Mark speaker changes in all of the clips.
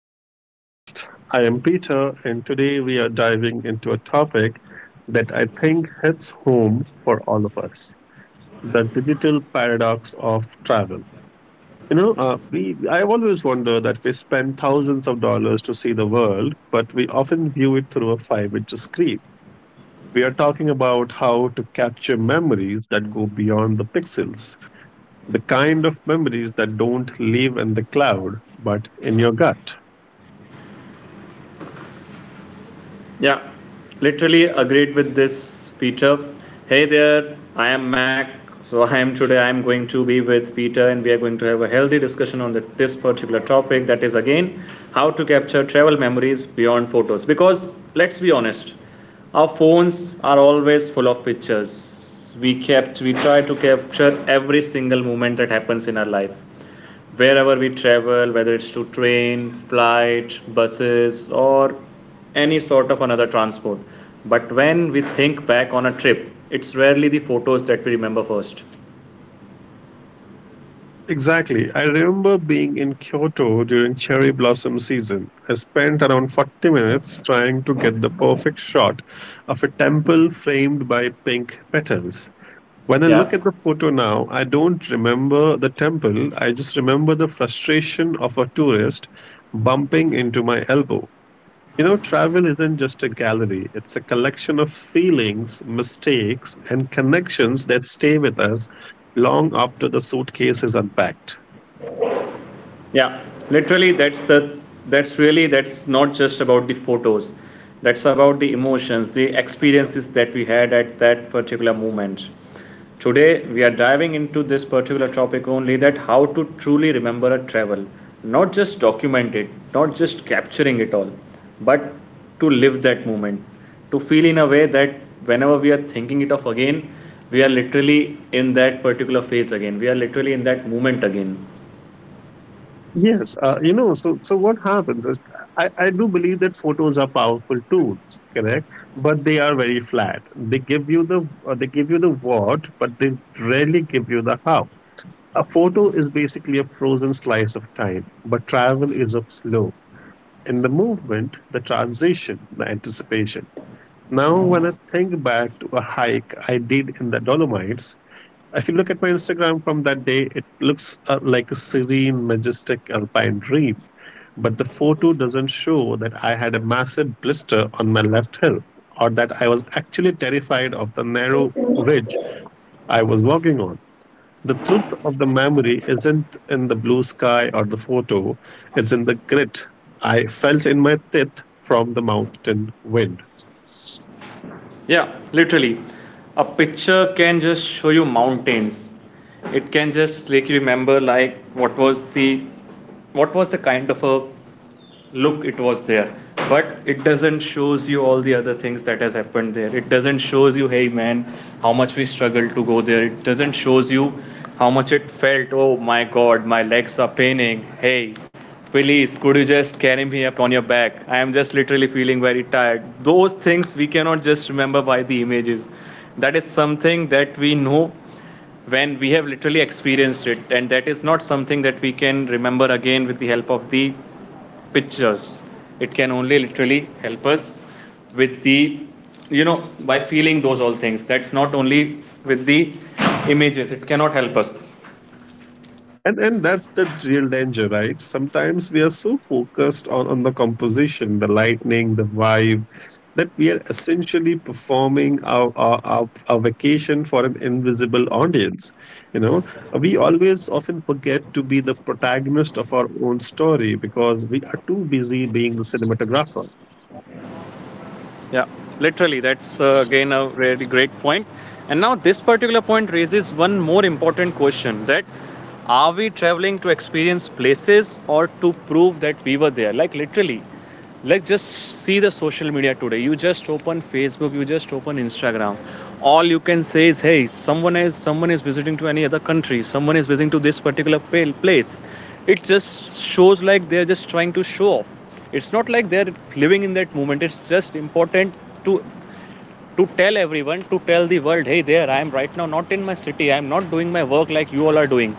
Speaker 1: the podcast. I am Peter, and today we are diving into a topic that I think hits home for all of us, the digital paradox of travel. I always wonder that we spend thousands of dollars to see the world, but we often view it through a five-inch screen. We are talking about how to capture memories that go beyond the pixels, the kind of memories that don't live in the cloud, but in your gut.
Speaker 2: Yeah, literally agreed with this, Peter. Hey there, I am Mac. So I am today. I am going to be with Peter, and we are going to have a healthy discussion on this particular topic. That is again how to capture travel memories beyond photos. Because let's be honest, our phones are always full of pictures. We kept. We try to capture every single moment that happens in our life wherever we travel, whether it's to train, flight, buses, or any sort of another transport. But when we think back on a trip, it's rarely the photos that we remember first.
Speaker 1: You know, exactly. I remember being in Kyoto during cherry blossom season. I spent around 40 minutes trying to get the perfect shot of a temple framed by pink petals. When I look
Speaker 2: Yeah,
Speaker 1: at the photo now, I don't remember the temple. I just remember the frustration of a tourist bumping into my elbow. You know, travel isn't just a gallery, it's a collection of feelings, mistakes, and connections that stay with us long after the suitcase is unpacked.
Speaker 2: yeah. Literally, that's not just about the photos. That's about the emotions, the experiences that we had at that particular moment. Today, we are diving into this particular topic only that how to truly remember a travel, not just document it, not just capturing it all, but to live that moment, to feel in a way that whenever we are thinking it of again, we are literally in that particular phase again, we are literally in that moment again.
Speaker 1: Yes, so what happens is I do believe that photos are powerful tools, correct? But they are very flat. They give you the what, but they rarely give you the how. A photo is basically a frozen slice of time, but travel is a flow. In the movement, the transition, the anticipation. Now, when I think back to a hike I did in the Dolomites, if you look at my Instagram from that day, it looks like a serene, majestic alpine dream. But the photo doesn't show that I had a massive blister on my left heel or that I was actually terrified of the narrow ridge I was walking on. The truth of the memory isn't in the blue sky or the photo, it's in the grit I felt in my teeth from the mountain wind.
Speaker 2: Yeah, literally. A picture can just show you mountains. It can just make you remember like what was the kind of a look it was there. But it doesn't shows you all the other things that has happened there. It doesn't shows you, hey man, how much we struggled to go there. It doesn't shows you how much it felt. Oh my god, my legs are paining. Hey, please, could you just carry me up on your back? I am just literally feeling very tired. Those things we cannot just remember by the images. That is something that we know when we have literally experienced it, and that is not something that we can remember again with the help of the pictures. It can only literally help us with the, you know, by feeling those all things. That's not only with the images, it cannot help us.
Speaker 1: And that's the real danger, right? Sometimes we are so focused on the composition, the lightning, the vibe, that we are essentially performing our vacation for an invisible audience. You know, we always often forget to be the protagonist of our own story because we are too busy being the cinematographer.
Speaker 2: Yeah, literally, that's again a really great point. And now, this particular point raises one more important question that are we traveling to experience places or to prove that we were there? Like, literally, like just see the social media today. You just open Facebook, you just open Instagram. All you can say is, hey, someone is visiting to any other country, someone is visiting to this particular place. It just shows like they're just trying to show off. It's not like they're living in that moment. It's just important to tell everyone, to tell the world, hey, there I am right now, not in my city. I'm not doing my work like you all are doing.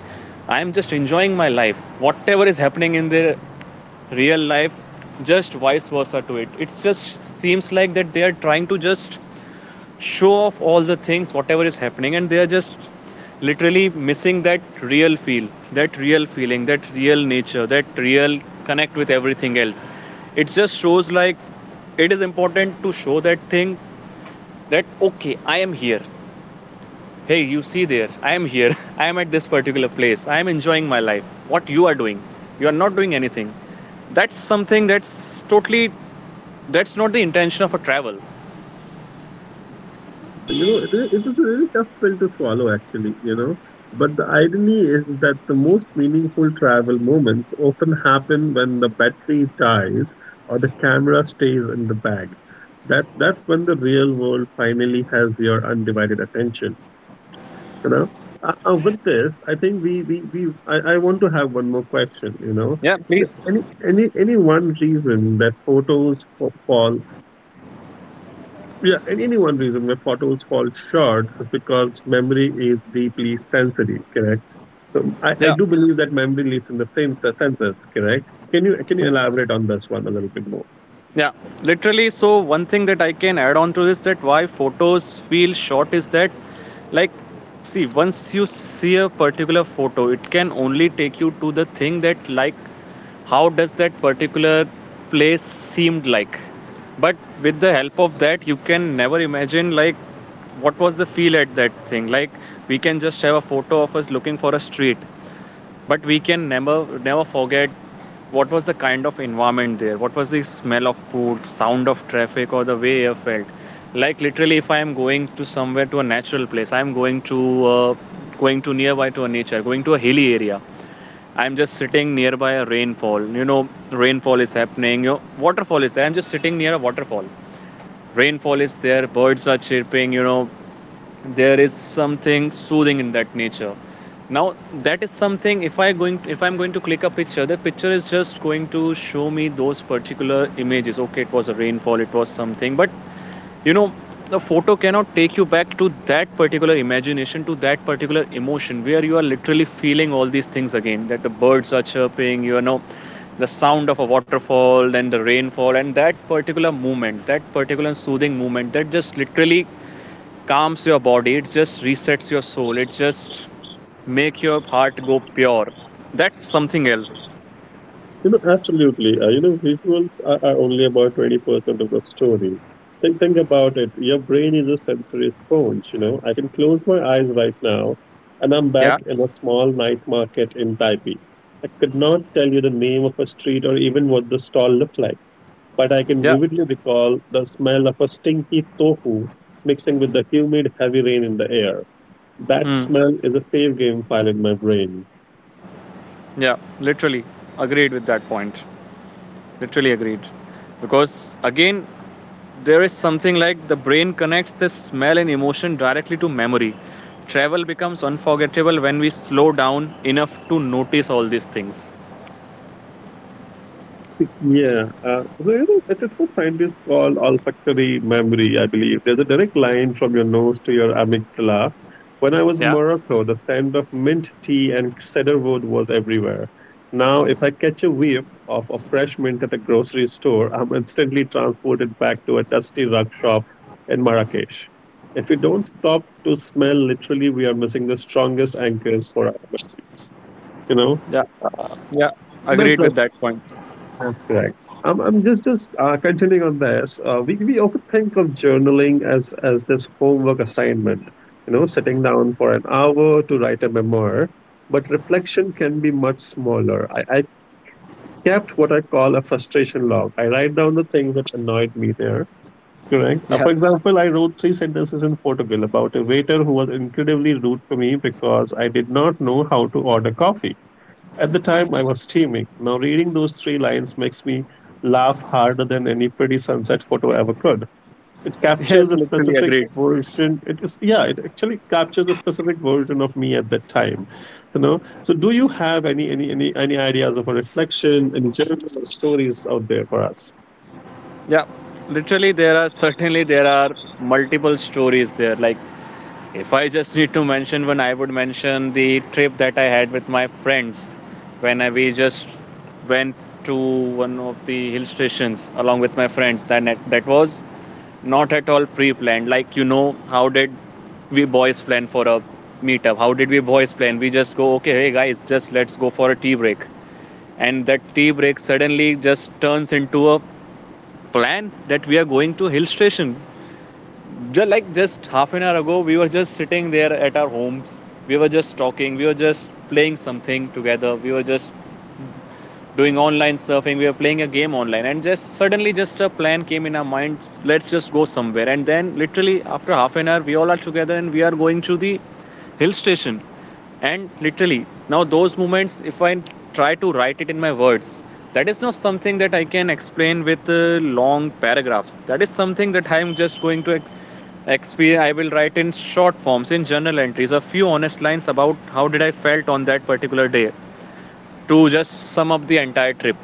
Speaker 2: I am just enjoying my life. Whatever is happening in the real life, just vice versa to it. It just seems like that they are trying to just show off all the things whatever is happening and they are just literally missing that real feel, that real feeling, that real nature, that real connect with everything else. It just shows like it is important to show that thing that okay, I am here. Hey, you see, there I am here. I am at this particular place. I am enjoying my life. What you are doing? You are not doing anything. That's something that's not the intention of a travel.
Speaker 1: Yeah, you know, it is a really tough pill to swallow, actually, you know. But the irony is that the most meaningful travel moments often happen when the battery dies or the camera stays in the bag. That's when the real world finally has your undivided attention, you know. With this, I think I want to have one more question, you know.
Speaker 2: Yeah,
Speaker 1: So
Speaker 2: please.
Speaker 1: any one reason that photos fa- fall yeah, and any one reason why photos fall short is because memory is deeply sensory, correct? So I
Speaker 2: Yeah.
Speaker 1: do believe that memory lives in the same senses, correct? Can you elaborate on this one a little bit more?
Speaker 2: Yeah, literally. So one thing that I can add on to this that why photos feel short is that, like, see, once you see a particular photo it can only take you to the thing that, like, how does that particular place seemed like. But with the help of that you can never imagine like what was the feel at that thing. Like, we can just have a photo of us looking for a street but we can never forget what was the kind of environment there, what was the smell of food, sound of traffic, or the way air felt. Like, literally, if I am going to somewhere to a natural place, I am uh, going to nearby to a nature, going to a hilly area. I am just sitting nearby a rainfall. Rainfall is happening, waterfall is there. I'm just sitting near a waterfall, rainfall is there, birds are chirping, there is something soothing in that nature. Now that is something, if I'm going to click a picture, the picture is just going to show me those particular images, okay, it was a rainfall, it was something. But you know the photo cannot take you back to that particular imagination, to that particular emotion where you are literally feeling all these things again, that the birds are chirping, the sound of a waterfall and the rainfall, and that particular movement, that particular soothing movement, that just literally calms your body, it just resets your soul, it just make your heart go pure. That's something else.
Speaker 1: You know, absolutely. You know, visuals are only about 20% of the story. Think about it. Your brain is a sensory sponge, you know. I can close my eyes right now and I'm back
Speaker 2: Yeah,
Speaker 1: in a small night market in Taipei. I could not tell you the name of a street or even what the stall looked like, but I can
Speaker 2: yeah.
Speaker 1: vividly recall the smell of a stinky tofu mixing with the humid, heavy rain in the air. That
Speaker 2: Hmm.
Speaker 1: smell is a safe game file in my brain.
Speaker 2: Yeah, literally agreed with that point. Literally agreed. Because again there is something like the brain connects this smell and emotion directly to memory. Travel becomes unforgettable when we slow down enough to notice all these things.
Speaker 1: Yeah, it's what scientists call olfactory memory, I believe. There's a direct line from your nose to your amygdala. When I was in
Speaker 2: Yeah,
Speaker 1: Morocco, the scent of mint tea and cedarwood was everywhere. Now, if I catch a whiff of a fresh mint at a grocery store, I'm instantly transported back to a dusty rug shop in Marrakesh. If we don't stop to smell, literally, we are missing the strongest anchors for our, you know.
Speaker 2: yeah, yeah, agreed
Speaker 1: that's
Speaker 2: with that point.
Speaker 1: that's correct. I'm just Continuing on this. We often think of journaling as this homework assignment. You know, sitting down for an hour to write a memoir. But reflection can be much smaller. I kept what I call a frustration log. I write down the things that annoyed me there. Correct.
Speaker 2: Yeah.
Speaker 1: For example, I wrote three sentences in Portugal about a waiter who was incredibly rude to me because I did not know how to order coffee. At the time, I was steaming. Now, reading those three lines makes me laugh harder than any pretty sunset photo ever could. It captures
Speaker 2: Yes,
Speaker 1: a
Speaker 2: literally
Speaker 1: specific
Speaker 2: agreed.
Speaker 1: version. It is, yeah, it actually captures a specific version of me at that time. You know. So, do you have any ideas of a reflection, any journal or stories out there for us?
Speaker 2: Yeah, literally there are certainly there are multiple stories there. Like if I just need to mention one, I would mention the trip that I had with my friends when we just went to one of the hill stations along with my friends. That was not at all pre-planned. Like how did we boys plan for a meetup? How did we boys plan? We just go, okay, hey guys, just let's go for a tea break, and that tea break suddenly just turns into a plan that we are going to hill station. Just like just half an hour ago, we were just sitting there at our homes. We were just talking. We were just playing something together. We were just doing online surfing. We were playing a game online. And just suddenly just a plan came in our mind, let's just go somewhere. And then literally after half an hour we all are together and we are going to the hill station. And literally now those moments, if I try to write it in my words, that is not something that I can explain with long paragraphs. That is something that I am just going to experience. I will write in short forms in journal entries, a few honest lines about how did I felt on that particular day to just sum up the entire trip.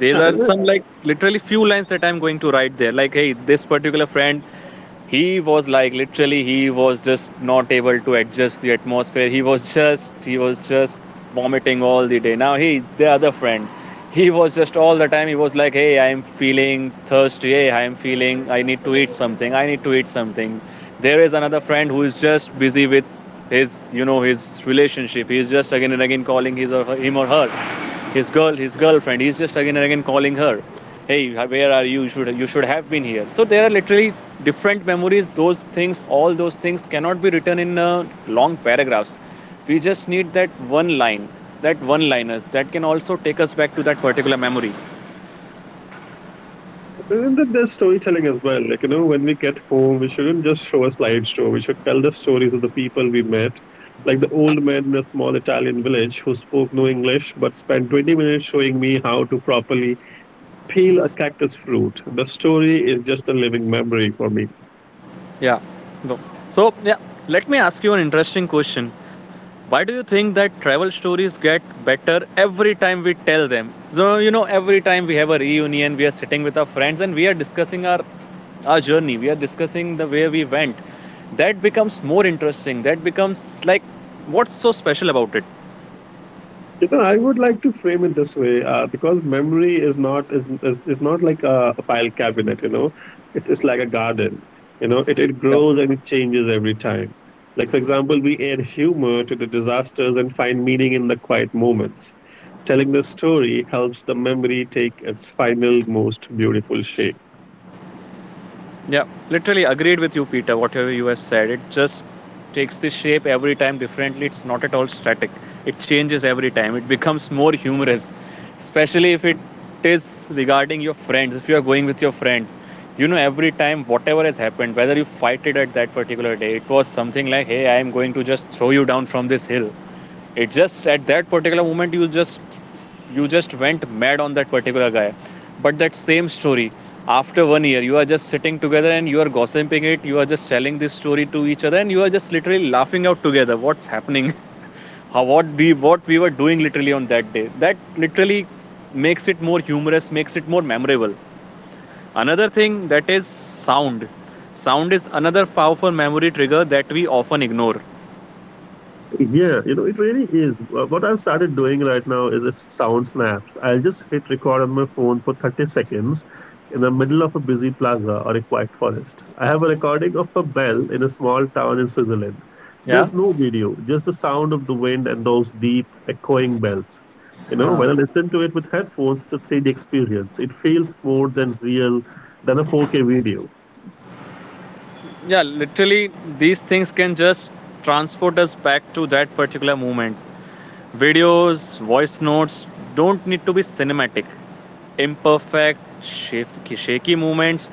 Speaker 1: Yeah,
Speaker 2: are some like literally few lines that I'm going to write there, like hey, this particular friend, he was like literally he was just not able to adjust the atmosphere, he was just vomiting all the day. Now he the other friend, he was just all the time he was like, hey, I'm feeling thirsty, hey, I'm feeling I need to eat something, I need to eat something. There is another friend who is just busy with his you know his relationship. He is just again and again calling his or her, him or her, his girlfriend. He is just again and again calling her, hey where are you, you should have been here. So there are literally different memories, those things, all those things cannot be written in long paragraphs. We just need that one line, that one liners that can also take us back to that particular memory.
Speaker 1: yeah, and then there's storytelling as well. Like, you know, when we get home, we shouldn't just show a slideshow. We should tell the stories of the people we met, like the old man in a small Italian village who spoke no English but spent 20 minutes showing me how to properly peel a cactus fruit. The story is just a living memory for me.
Speaker 2: Yeah, go. So yeah, let me ask you an interesting question. Why do you think that travel stories get better every time we tell them? So, every time we have a reunion, we are sitting with our friends and we are discussing our journey, we are discussing the way we went. That becomes more interesting. That becomes like, what's so special about it?
Speaker 1: You know, I would like to frame it this way because memory is not like a file cabinet. You know, it's like a garden. You know, it
Speaker 2: Yeah.
Speaker 1: grows and it changes every time. Like for example, we add humor to the disasters and find meaning in the quiet moments. Telling the story helps the memory take its final, most beautiful shape.
Speaker 2: Yeah, literally agreed with you, Peter. Whatever you have said, it just takes the shape every time differently. It's not at all static. It changes every time. It becomes more humorous, especially if it is regarding your friends. If you are going with your friends, every time whatever has happened, whether you fight it at that particular day, it was something like, "Hey, I am going to just throw you down from this hill." It just at that particular moment you just went mad on that particular guy. But that same story after one year you are just sitting together and you are gossiping it. You are just telling this story to each other and you are just literally laughing out together. What's happening? How what we were doing literally on that day. That literally makes it more humorous, makes it more memorable. Another thing that is sound. Sound is another powerful memory trigger that we often ignore.
Speaker 1: Yeah, you know, it really is. What I've started doing right now is it's sound snaps. I'll just hit record on my phone for 30 seconds in the middle of a busy plaza or a quiet forest. I have a recording of a bell in a small town in Switzerland.
Speaker 2: Yeah.
Speaker 1: There's no video, just the sound of the wind and those deep, echoing bells. You know,
Speaker 2: Huh.
Speaker 1: when I listen to it with headphones, it's a 3D experience. It feels more than real than a 4K video.
Speaker 2: Yeah, literally, these things can just transport us back to that particular moment. Videos, voice notes don't need to be cinematic, imperfect, shaky movements.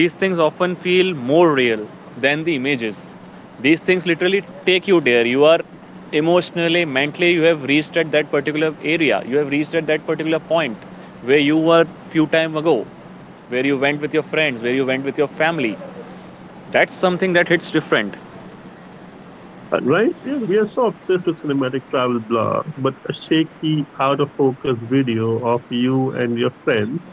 Speaker 2: These things often feel more real than the images. These things literally take you there. You are emotionally, mentally, you have reached at that particular area, you have reached at that particular point where you were few time ago, where you went with your friends, where you went with your family. That's something that hits different.
Speaker 1: Right? Yes, we are so obsessed with cinematic travel blogs, but a shaky, out of focus video of you and your friends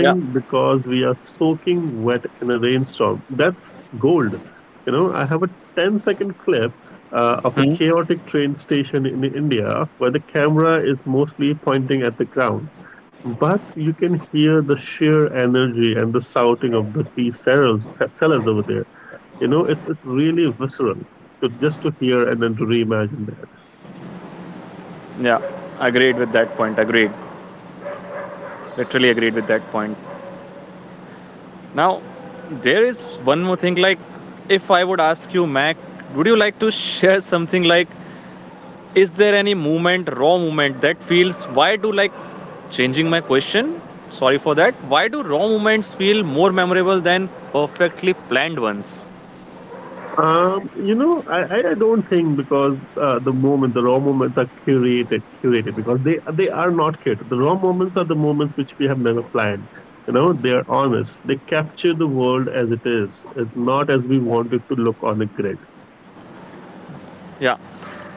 Speaker 2: Yeah.
Speaker 1: because we are soaking wet in a rainstorm. That's gold. You know, I have a ten-second clip of a
Speaker 2: Hmm.
Speaker 1: chaotic train station in India where the camera is mostly pointing at the ground. But you can hear the sheer energy and the shouting of the sellers over there. You know, it is really visceral to just to hear and then to reimagine that.
Speaker 2: Yeah, agreed with that point. Agreed. Literally agreed with that point. Now, there is one more thing. Like, if I would ask you, Mac, would you like to share something like, is there any movement, raw movement that feels? Why do like changing my question? Sorry for that. Why do raw movements feel more memorable than perfectly planned ones?
Speaker 1: You know, I don't think because the raw moments are curated because they are not curated. The raw moments are the moments which we have never planned. You know, they are honest. They capture the world as it is. It's not as we want it to look on a grid.
Speaker 2: Yeah,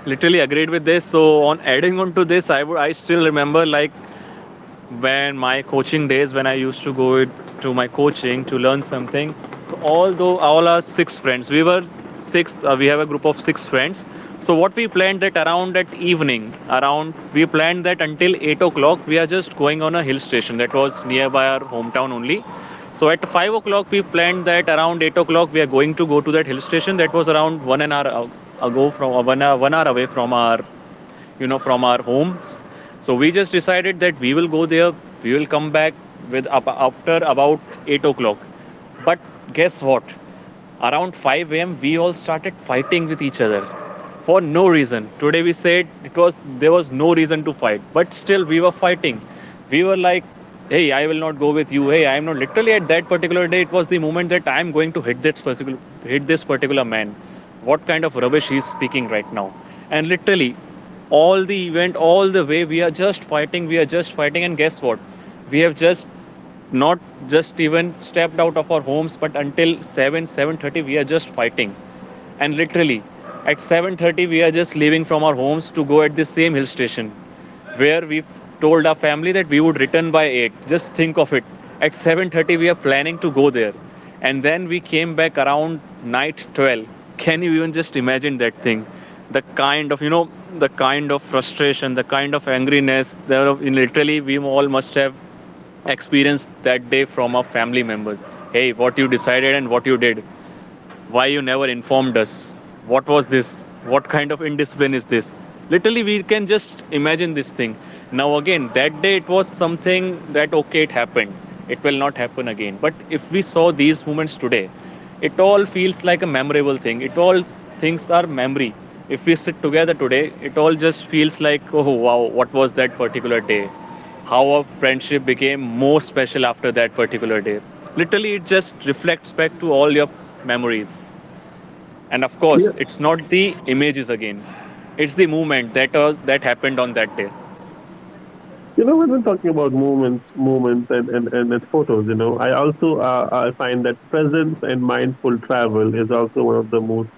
Speaker 2: literally agreed with this. So on adding on to this, I still remember like when my coaching days, when I used to go to my coaching to learn something. So although all our six friends, we were six. We have a group of six friends. So what we planned that around that evening, around we planned that until 8 o'clock we are just going on a hill station that was nearby our hometown only. So at 5 o'clock we planned that around 8 o'clock we are going to go to that hill station that was around 1 hour, 1 hour away from our, you know, from our homes. So we just decided that we will go there, we will come back with up, after about 8 o'clock. But guess what, around 5 a.m. we all started fighting with each other for no reason. Today we said it was, there was no reason to fight, but still we were fighting. We were like, "Hey, I will not go with you. Hey, I am not." Literally, at that particular day, it was the moment that I am going to hit this particular, hit this particular man. What kind of rubbish he is speaking right now? And literally all the event, all the way we are just fighting, we are just fighting, and guess what, we have just not just even stepped out of our homes, but until 7 7:30 we are just fighting. And literally at 7:30 we are just leaving from our homes to go at the same hill station where we told our family that we would return by 8. Just think of it, at 7:30 we are planning to go there, and then we came back around night 12. Can you even just imagine that thing, the kind of, you know, the kind of frustration, the kind of angriness there? Literally, we all must have experienced that day from our family members. "Hey, what you decided and what you did? Why you never informed us? What was this? What kind of indiscipline is this?" Literally, we can just imagine this thing. Now, again, that day it was something that okay, it happened. It will not happen again. But if we saw these moments today, it all feels like a memorable thing. It all things are memory. If we sit together today, it all just feels like, oh wow, what was that particular day? How our friendship became more special after that particular day. Literally, it just reflects back to all your memories. And of
Speaker 1: Yeah.
Speaker 2: course, it's not the images again; it's the movement that that happened on that day.
Speaker 1: You know, when we're talking about moments and, photos, you know, I also I find that presence and mindful travel is also one of the most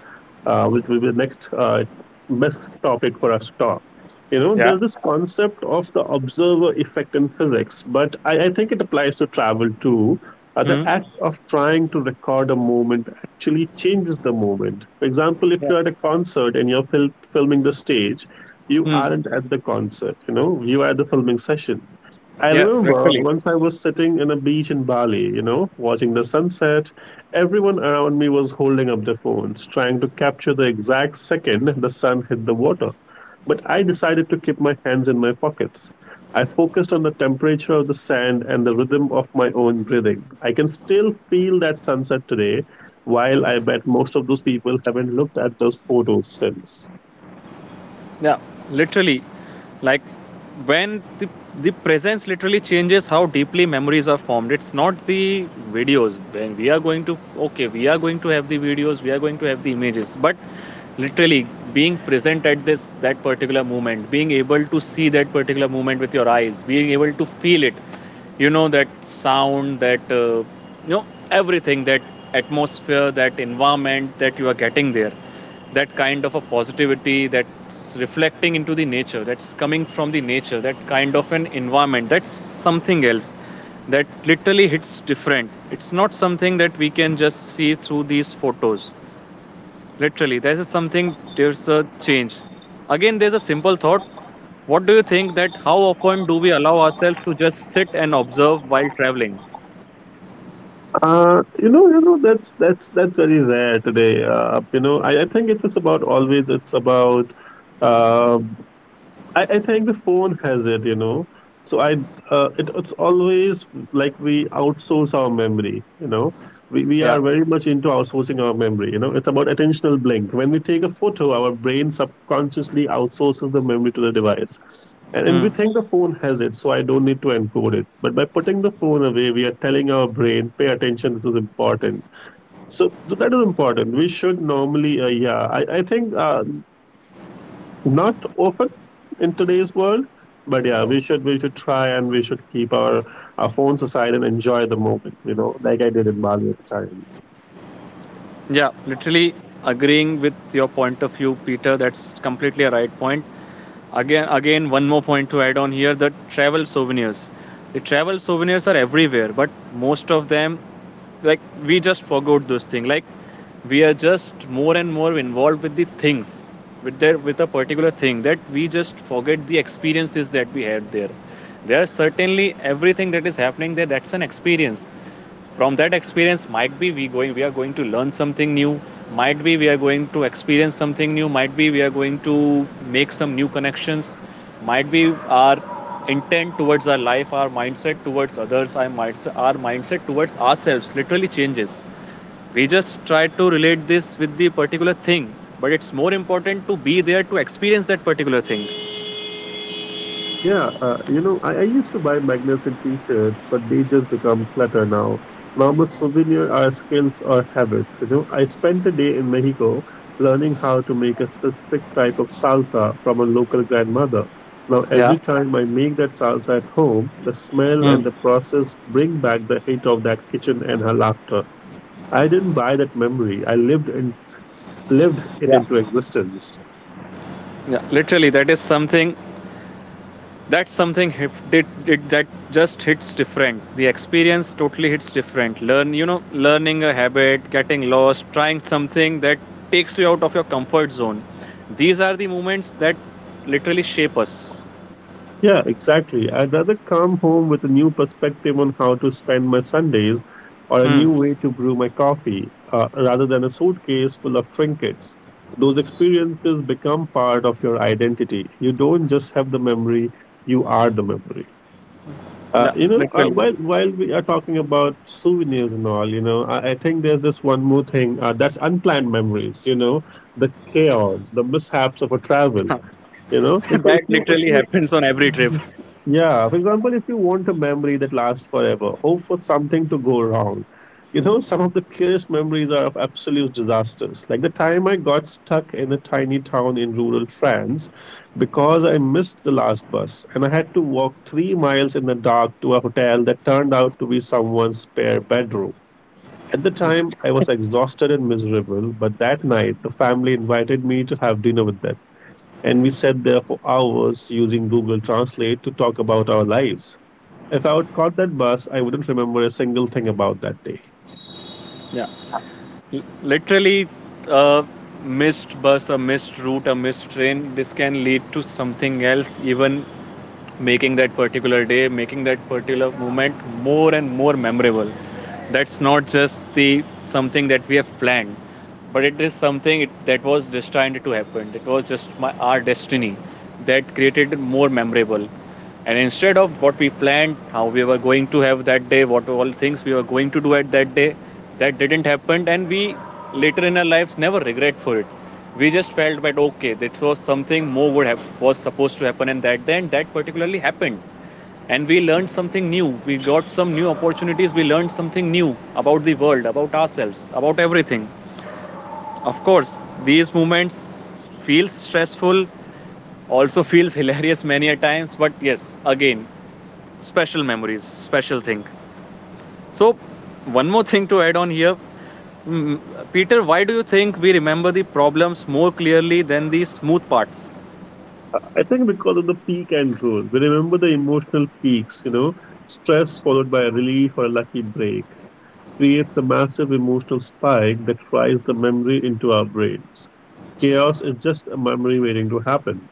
Speaker 1: which will be the next best topic for us to talk. You know,
Speaker 2: Yeah.
Speaker 1: there's this concept of the observer effect in physics, but I think it applies to travel too. The
Speaker 2: Hmm.
Speaker 1: act of trying to record a moment actually changes the moment. For example, if
Speaker 2: Yeah.
Speaker 1: you're at a concert and you're filming the stage, you
Speaker 2: Hmm.
Speaker 1: aren't at the concert, you know, you are at the filming session. I
Speaker 2: Yeah.
Speaker 1: remember
Speaker 2: Literally.
Speaker 1: once I was sitting in a beach in Bali, you know, watching the sunset. Everyone around me was holding up their phones, trying to capture the exact second the sun hit the water. But I decided to keep my hands in my pockets. I focused on the temperature of the sand and the rhythm of my own breathing. I can still feel that sunset today, while I bet most of those people haven't looked at those photos since.
Speaker 2: Yeah, literally, like when the presence literally changes how deeply memories are formed. It's not the videos. When we are going to, okay, we are going to have the videos, we are going to have the images, but literally being present at this that particular moment, being able to see that particular moment with your eyes, being able to feel it, you know, that sound, that you know, everything, that atmosphere, that environment that you are getting there, that kind of a positivity that's reflecting into the nature, that's coming from the nature, that kind of an environment, that's something else. That literally hits different. It's not something that we can just see through these photos. Literally there's something, there's a change. Again, there's a simple thought. What do you think, that how often do we allow ourselves to just sit and observe while traveling?
Speaker 1: You know, that's that's very rare today. You know, I think it's about always. It's about um I think the phone has it, you know. So I, it's always like we outsource our memory, you know. We
Speaker 2: Yeah.
Speaker 1: are very much into outsourcing our memory, you know. It's about attentional blink. When we take a photo, our brain subconsciously outsources the memory to the device. And we
Speaker 2: Hmm.
Speaker 1: think the phone has it, so I don't need to encode it. But by putting the phone away, we are telling our brain, pay attention, this is important. So that is important. We should normally, I think not often in today's world, but yeah, we should try, and we should keep our phones aside and enjoy the moment. You know, like I did in Bali at the time.
Speaker 2: Yeah, literally agreeing with your point of view, Peter. That's completely a right point. Again, one more point to add on here, the travel souvenirs. The travel souvenirs are everywhere, but most of them, like, we just forgot those things. Like, we are just more and more involved with the things, with that, with a particular thing, that we just forget the experiences that we had there. There are certainly everything that is happening there, that's an experience. From that experience, might be we are going to learn something new, might be we are going to experience something new, might be we are going to make some new connections, might be our intent towards our life, our mindset towards others, our mindset towards ourselves literally changes. We just try to relate this with the particular thing, but it's more important to be there, to experience that particular thing.
Speaker 1: Yeah, I used to buy magnificent t-shirts, but they just become clutter now. Normal souvenir are skills or habits. You know, I spent a day in Mexico learning how to make a specific type of salsa from a local grandmother. Now,
Speaker 2: Yeah.
Speaker 1: every time I make that salsa at home, the smell
Speaker 2: Hmm.
Speaker 1: and the process bring back the hit of that kitchen and her laughter. I didn't buy that memory. I lived it
Speaker 2: Yeah.
Speaker 1: into existence.
Speaker 2: Yeah, literally that is something. That's something, if it that just hits different. The experience totally hits different. Learn, you know, learning a habit, getting lost, trying something that takes you out of your comfort zone, these are the moments that literally shape us.
Speaker 1: Yeah, exactly. I'd rather come home with a new perspective on how to spend my Sundays or a
Speaker 2: Hmm.
Speaker 1: new way to brew my coffee, rather than a suitcase full of trinkets. Those experiences become part of your identity. You don't just have the memory, you are the memory. Uh,
Speaker 2: Yeah,
Speaker 1: you know, uh,
Speaker 2: literally.
Speaker 1: while while we are talking about souvenirs and all, I think there's this one more thing, that's unplanned memories. You know, the chaos, the mishaps of a travel. You know, like
Speaker 2: That
Speaker 1: if
Speaker 2: literally
Speaker 1: you
Speaker 2: happens on every trip.
Speaker 1: Mhm. Yeah, for example, if you want a memory that lasts forever, hope for something to go wrong. You know, some of the clearest memories are of absolute disasters, like the time I got stuck in a tiny town in rural France because I missed the last bus and I had to walk three miles in the dark to a hotel that turned out to be someone's spare bedroom. At the time, I was exhausted and miserable, but that night, the family invited me to have dinner with them, and we sat there for hours using Google Translate to talk about our lives. If I would caught that bus, I wouldn't remember a single thing about that day.
Speaker 2: Yeah. L- literally, a missed bus, a missed route, a missed train, this can lead to something else, even making that particular day, making that particular moment more and more memorable. That's not just the something that we have planned, but it is something that was destined to happen. It was just our destiny that created it more memorable. And instead of what we planned, how we were going to have that day, what all things we were going to do at that day, that didn't happen, and we later in our lives never regret for it. We just felt that okay, that was something more would have, was supposed to happen, and that then that particularly happened. And we learned something new, we got some new opportunities, we learned something new about the world, about ourselves, about everything. Of course, these moments feels stressful, also feels hilarious many a times, but yes, again, special memories, special thing. So, one more thing to add on here. Mm, Peter, why do you think we remember the problems more clearly than the smooth parts?
Speaker 1: I think because of the peak and rule, we remember the emotional peaks, you know, stress followed by a relief or a lucky break creates a massive emotional spike that fries the memory into our brains. Chaos is just a memory waiting to happen.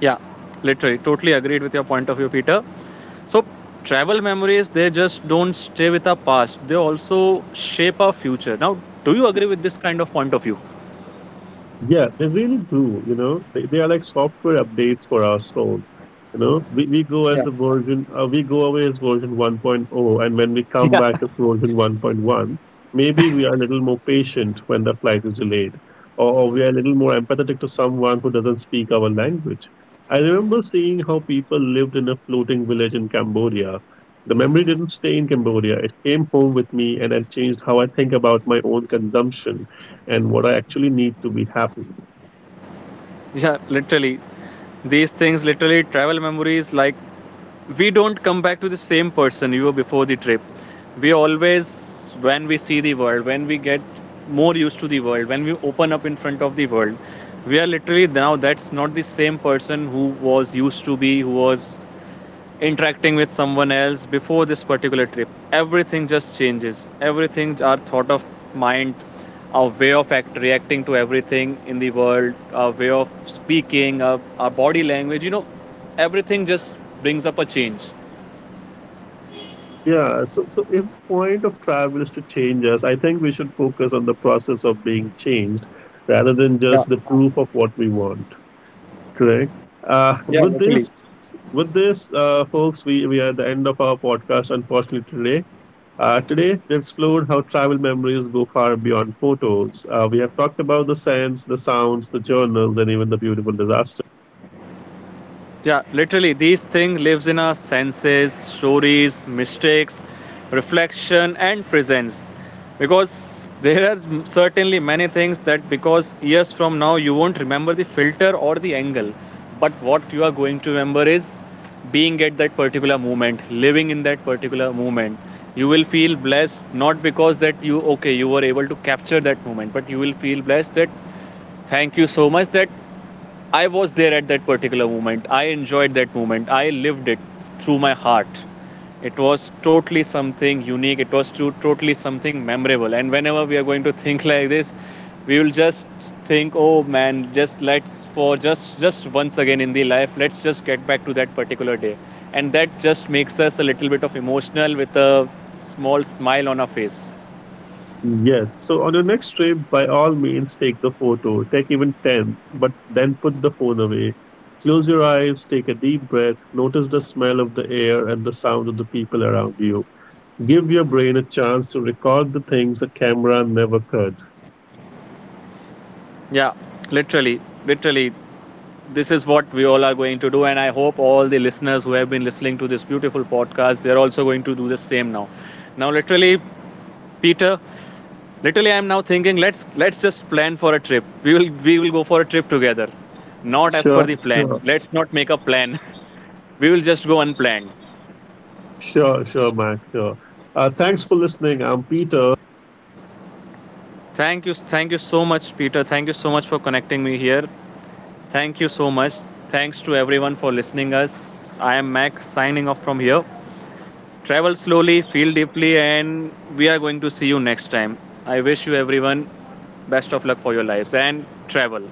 Speaker 2: Yeah, literally, totally agreed with your point of view, Peter. So, travel memories, they just don't stay with our past, they also shape our future. Now, do you agree with this kind of point of view?
Speaker 1: Yeah, they really do. You know, they are like software updates for our soul. You know, we, we go as
Speaker 2: Yeah.
Speaker 1: a version, uh, we go away as version 1.0, and when we come back as version 1.1, maybe we are a little more patient when the flight is delayed, or we are a little more empathetic to someone who doesn't speak our language. I remember seeing how people lived in a floating village in Cambodia. The memory didn't stay in Cambodia, it came home with me, and it changed how I think about my own consumption and what I actually need to be happy.
Speaker 2: Yeah, literally. These things literally, travel memories, like, we don't come back to the same person you were before the trip. We always, when we see the world, when we get more used to the world, when we open up in front of the world, we are literally now, that's not the same person who was used to be, who was interacting with someone else before this particular trip. Everything just changes, everything, our thought of mind, our way of act, reacting to everything in the world, our way of speaking, our body language, you know, everything just brings up a change.
Speaker 1: Yeah, so if the point of travel is to change us, I think we should focus on the process of being changed rather than
Speaker 2: Yeah,
Speaker 1: just the proof of what we want. Correct. Uh,
Speaker 2: yeah,
Speaker 1: with
Speaker 2: literally.
Speaker 1: this, with this, folks, we are at the end of our podcast, unfortunately, today. Today, we explored how travel memories go far beyond photos. We have talked about the sense, the sounds, the journals, and even the beautiful disasters.
Speaker 2: Yeah, literally, these things lives in our senses, stories, mistakes, reflection, and presence. Because there are certainly many things that, because years from now you won't remember the filter or the angle, but what you are going to remember is being at that particular moment, living in that particular moment. You will feel blessed not because that you okay you were able to capture that moment, but you will feel blessed that thank you so much that I was there at that particular moment. I enjoyed that moment. I lived it through my heart. It was totally something unique. It was to- totally something memorable. And whenever we are going to think like this, we will just think, oh man, just let's for just once again in the life, let's just get back to that particular day. And that just makes us a little bit of emotional with a small smile on our face.
Speaker 1: Yes. So on your next trip, by all means, take the photo. Take even 10, but then put the phone away. Close your eyes, take a deep breath, notice the smell of the air and the sound of the people around you. Give your brain a chance to record the things a camera never could.
Speaker 2: Yeah, literally, literally. This is what we all are going to do, and I hope all the listeners who have been listening to this beautiful podcast, they're also going to do the same now. Now, literally, Peter, literally, I'm now thinking, let's just plan for a trip. We will go for a trip together, not as
Speaker 1: Sure,
Speaker 2: per the plan.
Speaker 1: sure,
Speaker 2: Let's not make a plan. We will just go unplanned.
Speaker 1: sure, Mac. Sure. Thanks for listening. I'm Peter.
Speaker 2: Thank you, thank you so much, Peter. Thank you so much for connecting me here. Thank you so much. Thanks to everyone for listening us. I am Max signing off from here. Travel slowly, feel deeply, and we are going to see you next time. I wish you everyone best of luck for your lives and travel.